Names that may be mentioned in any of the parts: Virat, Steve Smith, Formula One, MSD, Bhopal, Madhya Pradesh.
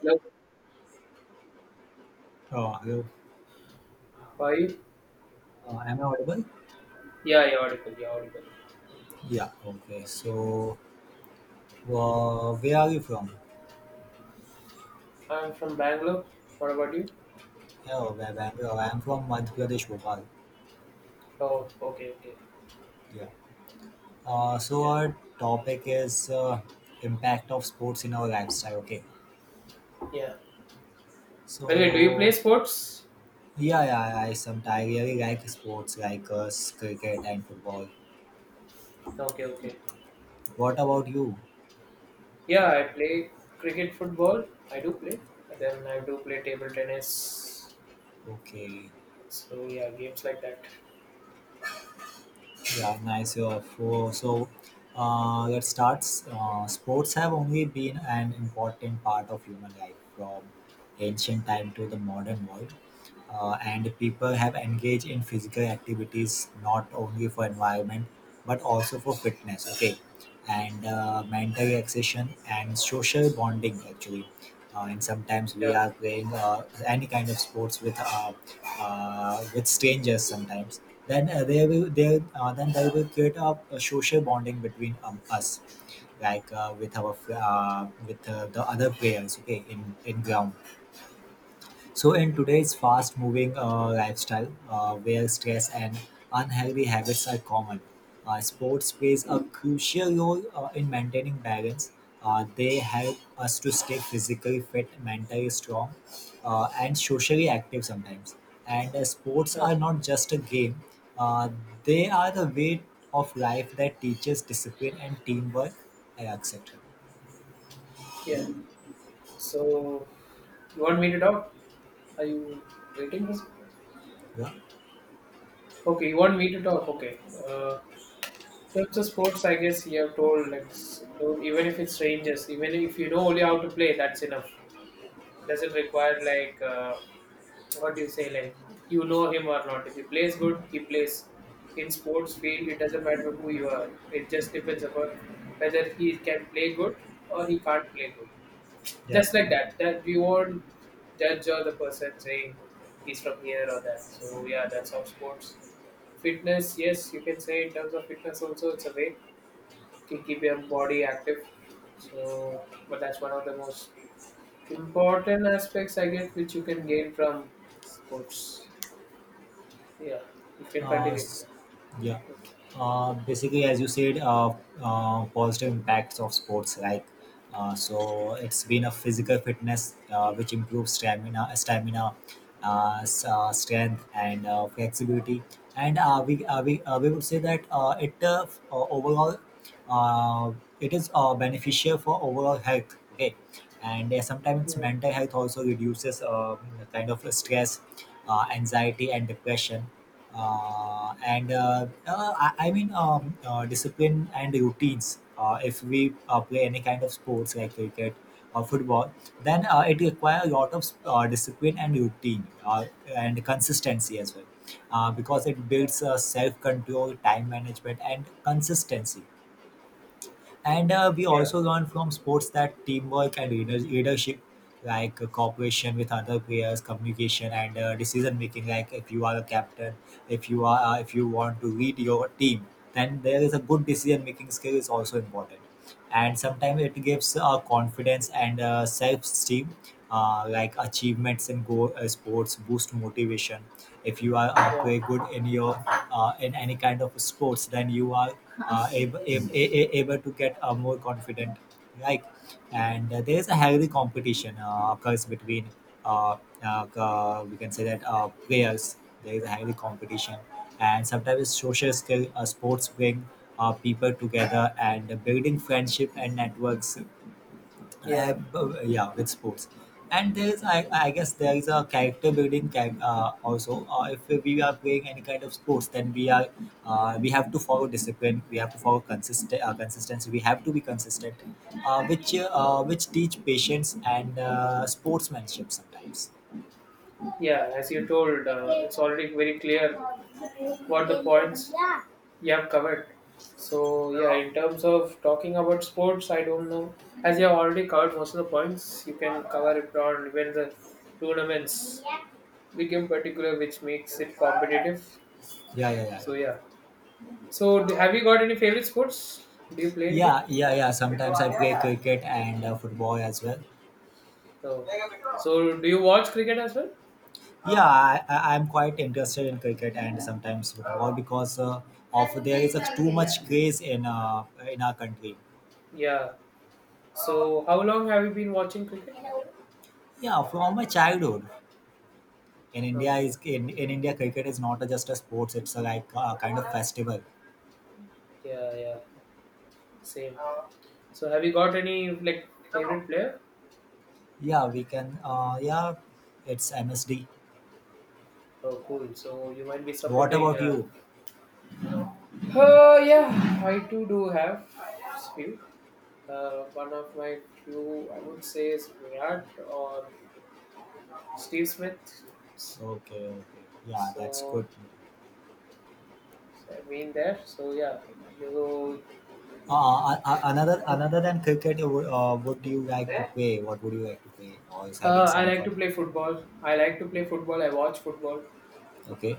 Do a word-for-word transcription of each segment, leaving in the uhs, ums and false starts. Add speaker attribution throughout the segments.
Speaker 1: Hello,
Speaker 2: Oh, hello.
Speaker 1: how are you?
Speaker 2: Uh, am I audible?
Speaker 1: Yeah, yeah, audible, yeah, audible.
Speaker 2: Yeah. Okay. So, uh, where are you from?
Speaker 1: I'm from Bangalore. What about you?
Speaker 2: Yeah, where, where, where I am from Madhya Pradesh, Bhopal.
Speaker 1: Oh, okay, okay.
Speaker 2: Yeah. Uh, so
Speaker 1: Yeah,
Speaker 2: our topic is uh, impact of sports in our lifestyle. Okay.
Speaker 1: yeah. Okay, do you play
Speaker 2: So
Speaker 1: sports?
Speaker 2: yeah, yeah, I sometimes I really like sports like uh, cricket and football.
Speaker 1: Okay, okay.
Speaker 2: What about you?
Speaker 1: Yeah, I play cricket, football. I do play. And then I do play table tennis.
Speaker 2: Okay.
Speaker 1: So yeah, games like that.
Speaker 2: Yeah, nice. Uh, for, so uh, Let's start. Uh, sports have only been an important part of human life from ancient time to the modern world, uh, and people have engaged in physical activities not only for environment but also for fitness, okay, and uh, mental relaxation and social bonding, actually. Uh, and sometimes we
Speaker 1: Yeah,
Speaker 2: are playing uh, any kind of sports with uh, uh, with strangers sometimes, then uh, they will they uh, then they will create a, a social bonding between um, us, like uh, with our fr- uh, with uh, the other players, okay, in in ground. So in today's fast moving uh, lifestyle, uh, where stress and unhealthy habits are common, uh, sports plays a crucial role uh, in maintaining balance. Uh, they help us to stay physically fit, mentally strong, uh, and socially active sometimes. And uh, sports
Speaker 1: yeah,
Speaker 2: are not just a game, uh, they are the way of life that teaches discipline and teamwork, and et cetera.
Speaker 1: yeah. So you want me to talk? Are you waiting for? some-
Speaker 2: Yeah.
Speaker 1: Okay, you want me to talk? Okay. Uh, So it's a sports, I guess you have told, let's do, even if it's strangers, even if you know only how to play, that's enough. Doesn't require like uh, what do you say, like you know him or not. If he plays good, he plays. In sports field, it doesn't matter who you are. It just depends upon whether he can play good or he can't play good.
Speaker 2: Yeah.
Speaker 1: Just like that, that we won't judge or the person saying he's from here or that. So yeah, that's how sports fitness. Yes, you can say in terms of fitness also it's a way to keep your body active. So, but that's one of the most important aspects I get, which you can gain from sports. Yeah, you can
Speaker 2: Uh,
Speaker 1: continue.
Speaker 2: s- yeah. Uh, basically, as you said, uh, uh, positive impacts of sports, like uh, so it's been a physical fitness uh, which improves stamina, stamina, uh, s- uh, strength, and uh, flexibility. And uh, we uh, we uh, we would say that uh, it uh, f- uh, overall uh, it is uh, beneficial for overall health. Okay, and uh, sometimes
Speaker 1: Mm,
Speaker 2: mental health also reduces uh, kind of stress, uh, anxiety, and depression. Uh, and uh, uh, I, I mean, um, uh, discipline and routines. Uh, if we uh, play any kind of sports like cricket or football, then uh, it requires a lot of uh, discipline and routine, uh, and consistency as well, uh, because it
Speaker 1: yeah,
Speaker 2: builds uh, self-control, time management, and consistency. And uh, we
Speaker 1: yeah,
Speaker 2: also learn from sports that teamwork and leaders, leadership, like uh, cooperation with other players, communication, and uh, decision making. Like if you are a captain, if you are uh, if you want to lead your team, then there is a good decision making skill is also important. And sometimes it gives uh, confidence and uh, self esteem, uh, like achievements in go uh, sports boost motivation. If you are uh,
Speaker 1: yeah,
Speaker 2: play good in your uh, in any kind of sports, then you are uh, able, able, able to get uh, more confident, right? And uh, there is a healthy competition uh, occurs between uh, uh, uh, we can say that uh, players, there is a healthy competition. And sometimes social skill, uh, sports bring uh, people together and building friendship and networks. uh,
Speaker 1: yeah,
Speaker 2: uh, yeah, with sports. And there is, I, I guess, there is a character building, char- uh, also. Uh, if we are playing any kind of sports, then we are uh, we have to follow discipline, we have to follow consistent, uh, consistency, we have to be consistent, uh, which uh, which teach patience and uh, sportsmanship sometimes.
Speaker 1: yeah. As you told, uh, it's already very clear what the points you have covered. So yeah, in terms of talking about sports, I don't know. As you have already covered most of the points, you can cover it on when the tournaments became particular, which makes it competitive.
Speaker 2: Yeah, yeah, yeah, yeah,
Speaker 1: So yeah. So d- have you got any favorite sports? Do you play anything?
Speaker 2: yeah, yeah, yeah, sometimes I play cricket and uh, football as
Speaker 1: So,
Speaker 2: well.
Speaker 1: so do you watch cricket as well?
Speaker 2: Yeah, I, I, I'm quite interested in cricket and sometimes football, because uh, of there is
Speaker 1: Hmm.
Speaker 2: a too much craze in uh, in our country.
Speaker 1: Yeah. So how long have you been watching cricket?
Speaker 2: Yeah, from my childhood. In India is,
Speaker 1: Okay.
Speaker 2: in, in India cricket is not just a sports, it's a, like a kind of festival.
Speaker 1: Yeah, yeah. Same. So have you got any like favorite player?
Speaker 2: Yeah, we can. Uh, yeah, it's M S D.
Speaker 1: Oh, cool. So you might be
Speaker 2: What
Speaker 1: supporting.
Speaker 2: about
Speaker 1: Uh,
Speaker 2: you?
Speaker 1: uh yeah, I do do have few. Uh, one of my few I would say is Virat or Steve Smith.
Speaker 2: Okay, okay. Yeah, that's
Speaker 1: So,
Speaker 2: good.
Speaker 1: so I've been there. So yeah, you.
Speaker 2: Uh, a- another another than cricket, uh, what do you like to play? What would you like to play? Or is having
Speaker 1: Uh, I
Speaker 2: some
Speaker 1: like to
Speaker 2: fun?
Speaker 1: play football. I like to play football. I watch football.
Speaker 2: Okay. Okay.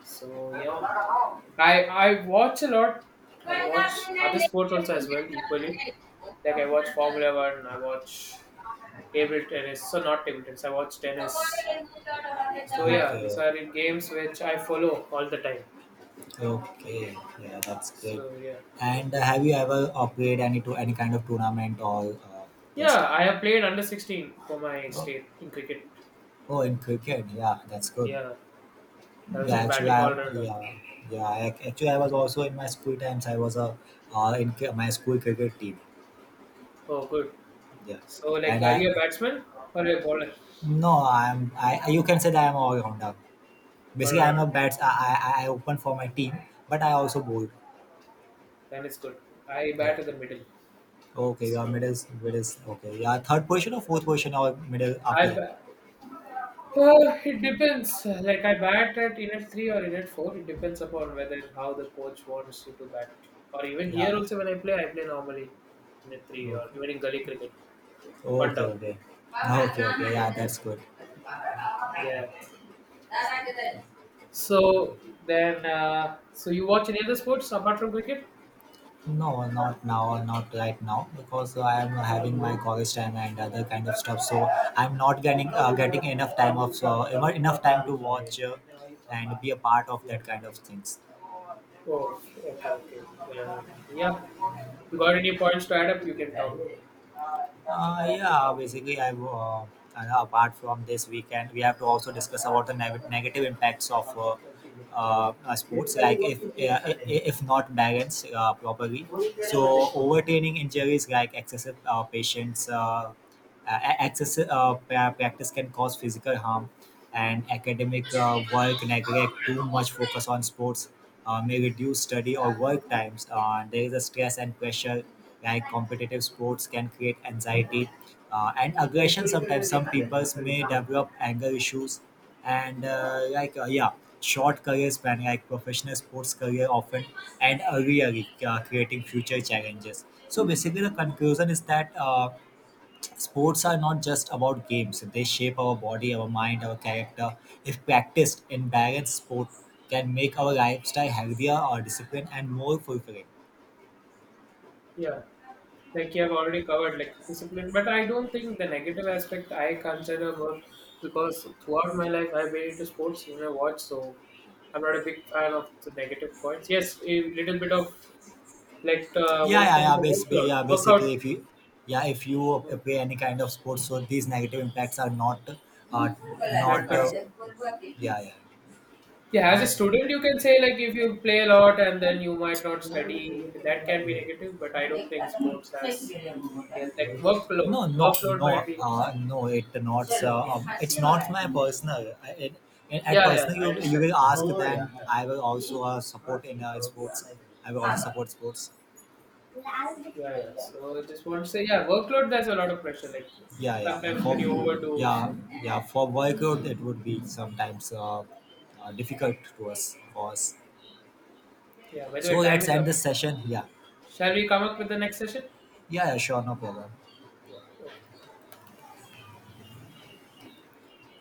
Speaker 1: So yeah, I I watch a lot. I watch other sports also as well equally. Like I watch Formula One. I watch table tennis. So not table tennis. I watch tennis. So yeah, these are the games which I follow all the time.
Speaker 2: Okay. Yeah, that's great.
Speaker 1: So yeah,
Speaker 2: And uh, have you ever played any to any kind of tournament or uh, this
Speaker 1: yeah.
Speaker 2: time?
Speaker 1: I have played under sixteen for my
Speaker 2: Oh,
Speaker 1: state in cricket.
Speaker 2: oh, in cricket. Yeah, that's good.
Speaker 1: Yeah, I was
Speaker 2: Yeah,
Speaker 1: in
Speaker 2: actually,
Speaker 1: batting
Speaker 2: I
Speaker 1: all rounder.
Speaker 2: yeah yeah I, actually I was also in my school times. I was a uh, in cri- my school cricket team.
Speaker 1: Oh, good.
Speaker 2: Yeah,
Speaker 1: So, like,
Speaker 2: and
Speaker 1: are
Speaker 2: I,
Speaker 1: you a batsman or a bowler?
Speaker 2: no, I'm I you can say that I'm all rounder.
Speaker 1: All
Speaker 2: Basically, I'm
Speaker 1: around.
Speaker 2: a bats. I, I I open for my team, but I also bowl.
Speaker 1: Then it's good. I
Speaker 2: Yeah.
Speaker 1: bat in the middle.
Speaker 2: Okay. Your
Speaker 1: So,
Speaker 2: middle middle. Okay. Yeah. Third
Speaker 1: yeah,
Speaker 2: position or fourth position or middle after
Speaker 1: middle off. I
Speaker 2: that.
Speaker 1: ba- uh, it depends. Like, I bat at unit three or unit four. It depends upon whether how the coach wants you to bat. Or even here
Speaker 2: Yeah.
Speaker 1: also when I play, I play normally unit three or
Speaker 2: Okay.
Speaker 1: even in gully cricket. One
Speaker 2: Okay.
Speaker 1: down.
Speaker 2: Okay. Okay. Okay. Yeah. That's good.
Speaker 1: Yeah. So, then, uh, so you watch any other sports apart from cricket?
Speaker 2: No, not now, not right now, because I'm having my college time and other kind of stuff. So I'm not getting uh, getting enough time of uh, ever- enough time to watch, uh, and be a part of that kind of things.
Speaker 1: Oh, okay, okay. Then, yeah. You got any points to add up, you can talk.
Speaker 2: Uh, yeah, basically, I uh, and apart from this weekend, we have to also discuss about the neg- negative impacts of uh, uh, uh, sports, like if uh, i- i- if not balanced uh, properly. So overtraining injuries, like excessive uh, patience, uh, a- excessive uh, pra- practice can cause physical harm, and academic uh, work neglect, too much focus on sports uh, may reduce study or work times. Uh, there is a stress and pressure, like competitive sports can create anxiety uh, and aggression. Sometimes some peoples may develop anger issues and uh, like uh, yeah, short career span like professional sports career often and early early, uh, creating future challenges. So basically the conclusion is that uh, sports are not just about games, they shape our body, our mind, our character. If practiced in balanced sport, can make our lifestyle healthier or disciplined and more fulfilling.
Speaker 1: Yeah. Like you have already covered like discipline, but I don't think the negative aspect I consider more because throughout my life I've been into sports when I watch, so I'm not a big fan of the negative points. Yes, a little bit of like uh,
Speaker 2: Yeah,
Speaker 1: what
Speaker 2: yeah,
Speaker 1: can you
Speaker 2: yeah.
Speaker 1: say,
Speaker 2: Basically,
Speaker 1: workload,
Speaker 2: yeah,
Speaker 1: workout
Speaker 2: basically, if you, yeah, if you play any kind of sports, so these negative impacts are not, uh,
Speaker 1: that
Speaker 2: not, uh,
Speaker 1: concern.
Speaker 2: yeah, yeah.
Speaker 1: Yeah, as a student, you can say like if you play a lot and then you might not study, that can be negative. But I don't think sports has, yeah, like workload.
Speaker 2: No, no,
Speaker 1: Workload might
Speaker 2: no,
Speaker 1: be.
Speaker 2: uh, no. It not. Uh, um, it's not my personal. I- It, it, at
Speaker 1: Yeah, yeah,
Speaker 2: personal,
Speaker 1: yeah, I
Speaker 2: you you
Speaker 1: understand.
Speaker 2: will ask. Then I will also uh, support in uh, sports. I will also support sports.
Speaker 1: Yeah, yeah. So I just want to say, yeah, workload, there's a lot of pressure. Like
Speaker 2: Yeah, yeah, yeah.
Speaker 1: sometimes
Speaker 2: For
Speaker 1: when you overdo,
Speaker 2: yeah,
Speaker 1: so
Speaker 2: yeah. For boycott, it would be sometimes uh, uh, difficult to us for us.
Speaker 1: yeah, by the
Speaker 2: So
Speaker 1: way, time
Speaker 2: let's
Speaker 1: is
Speaker 2: end the
Speaker 1: up.
Speaker 2: session. Yeah,
Speaker 1: Shall we come up with the next session?
Speaker 2: yeah, yeah. Sure, no problem.
Speaker 1: Yeah, okay.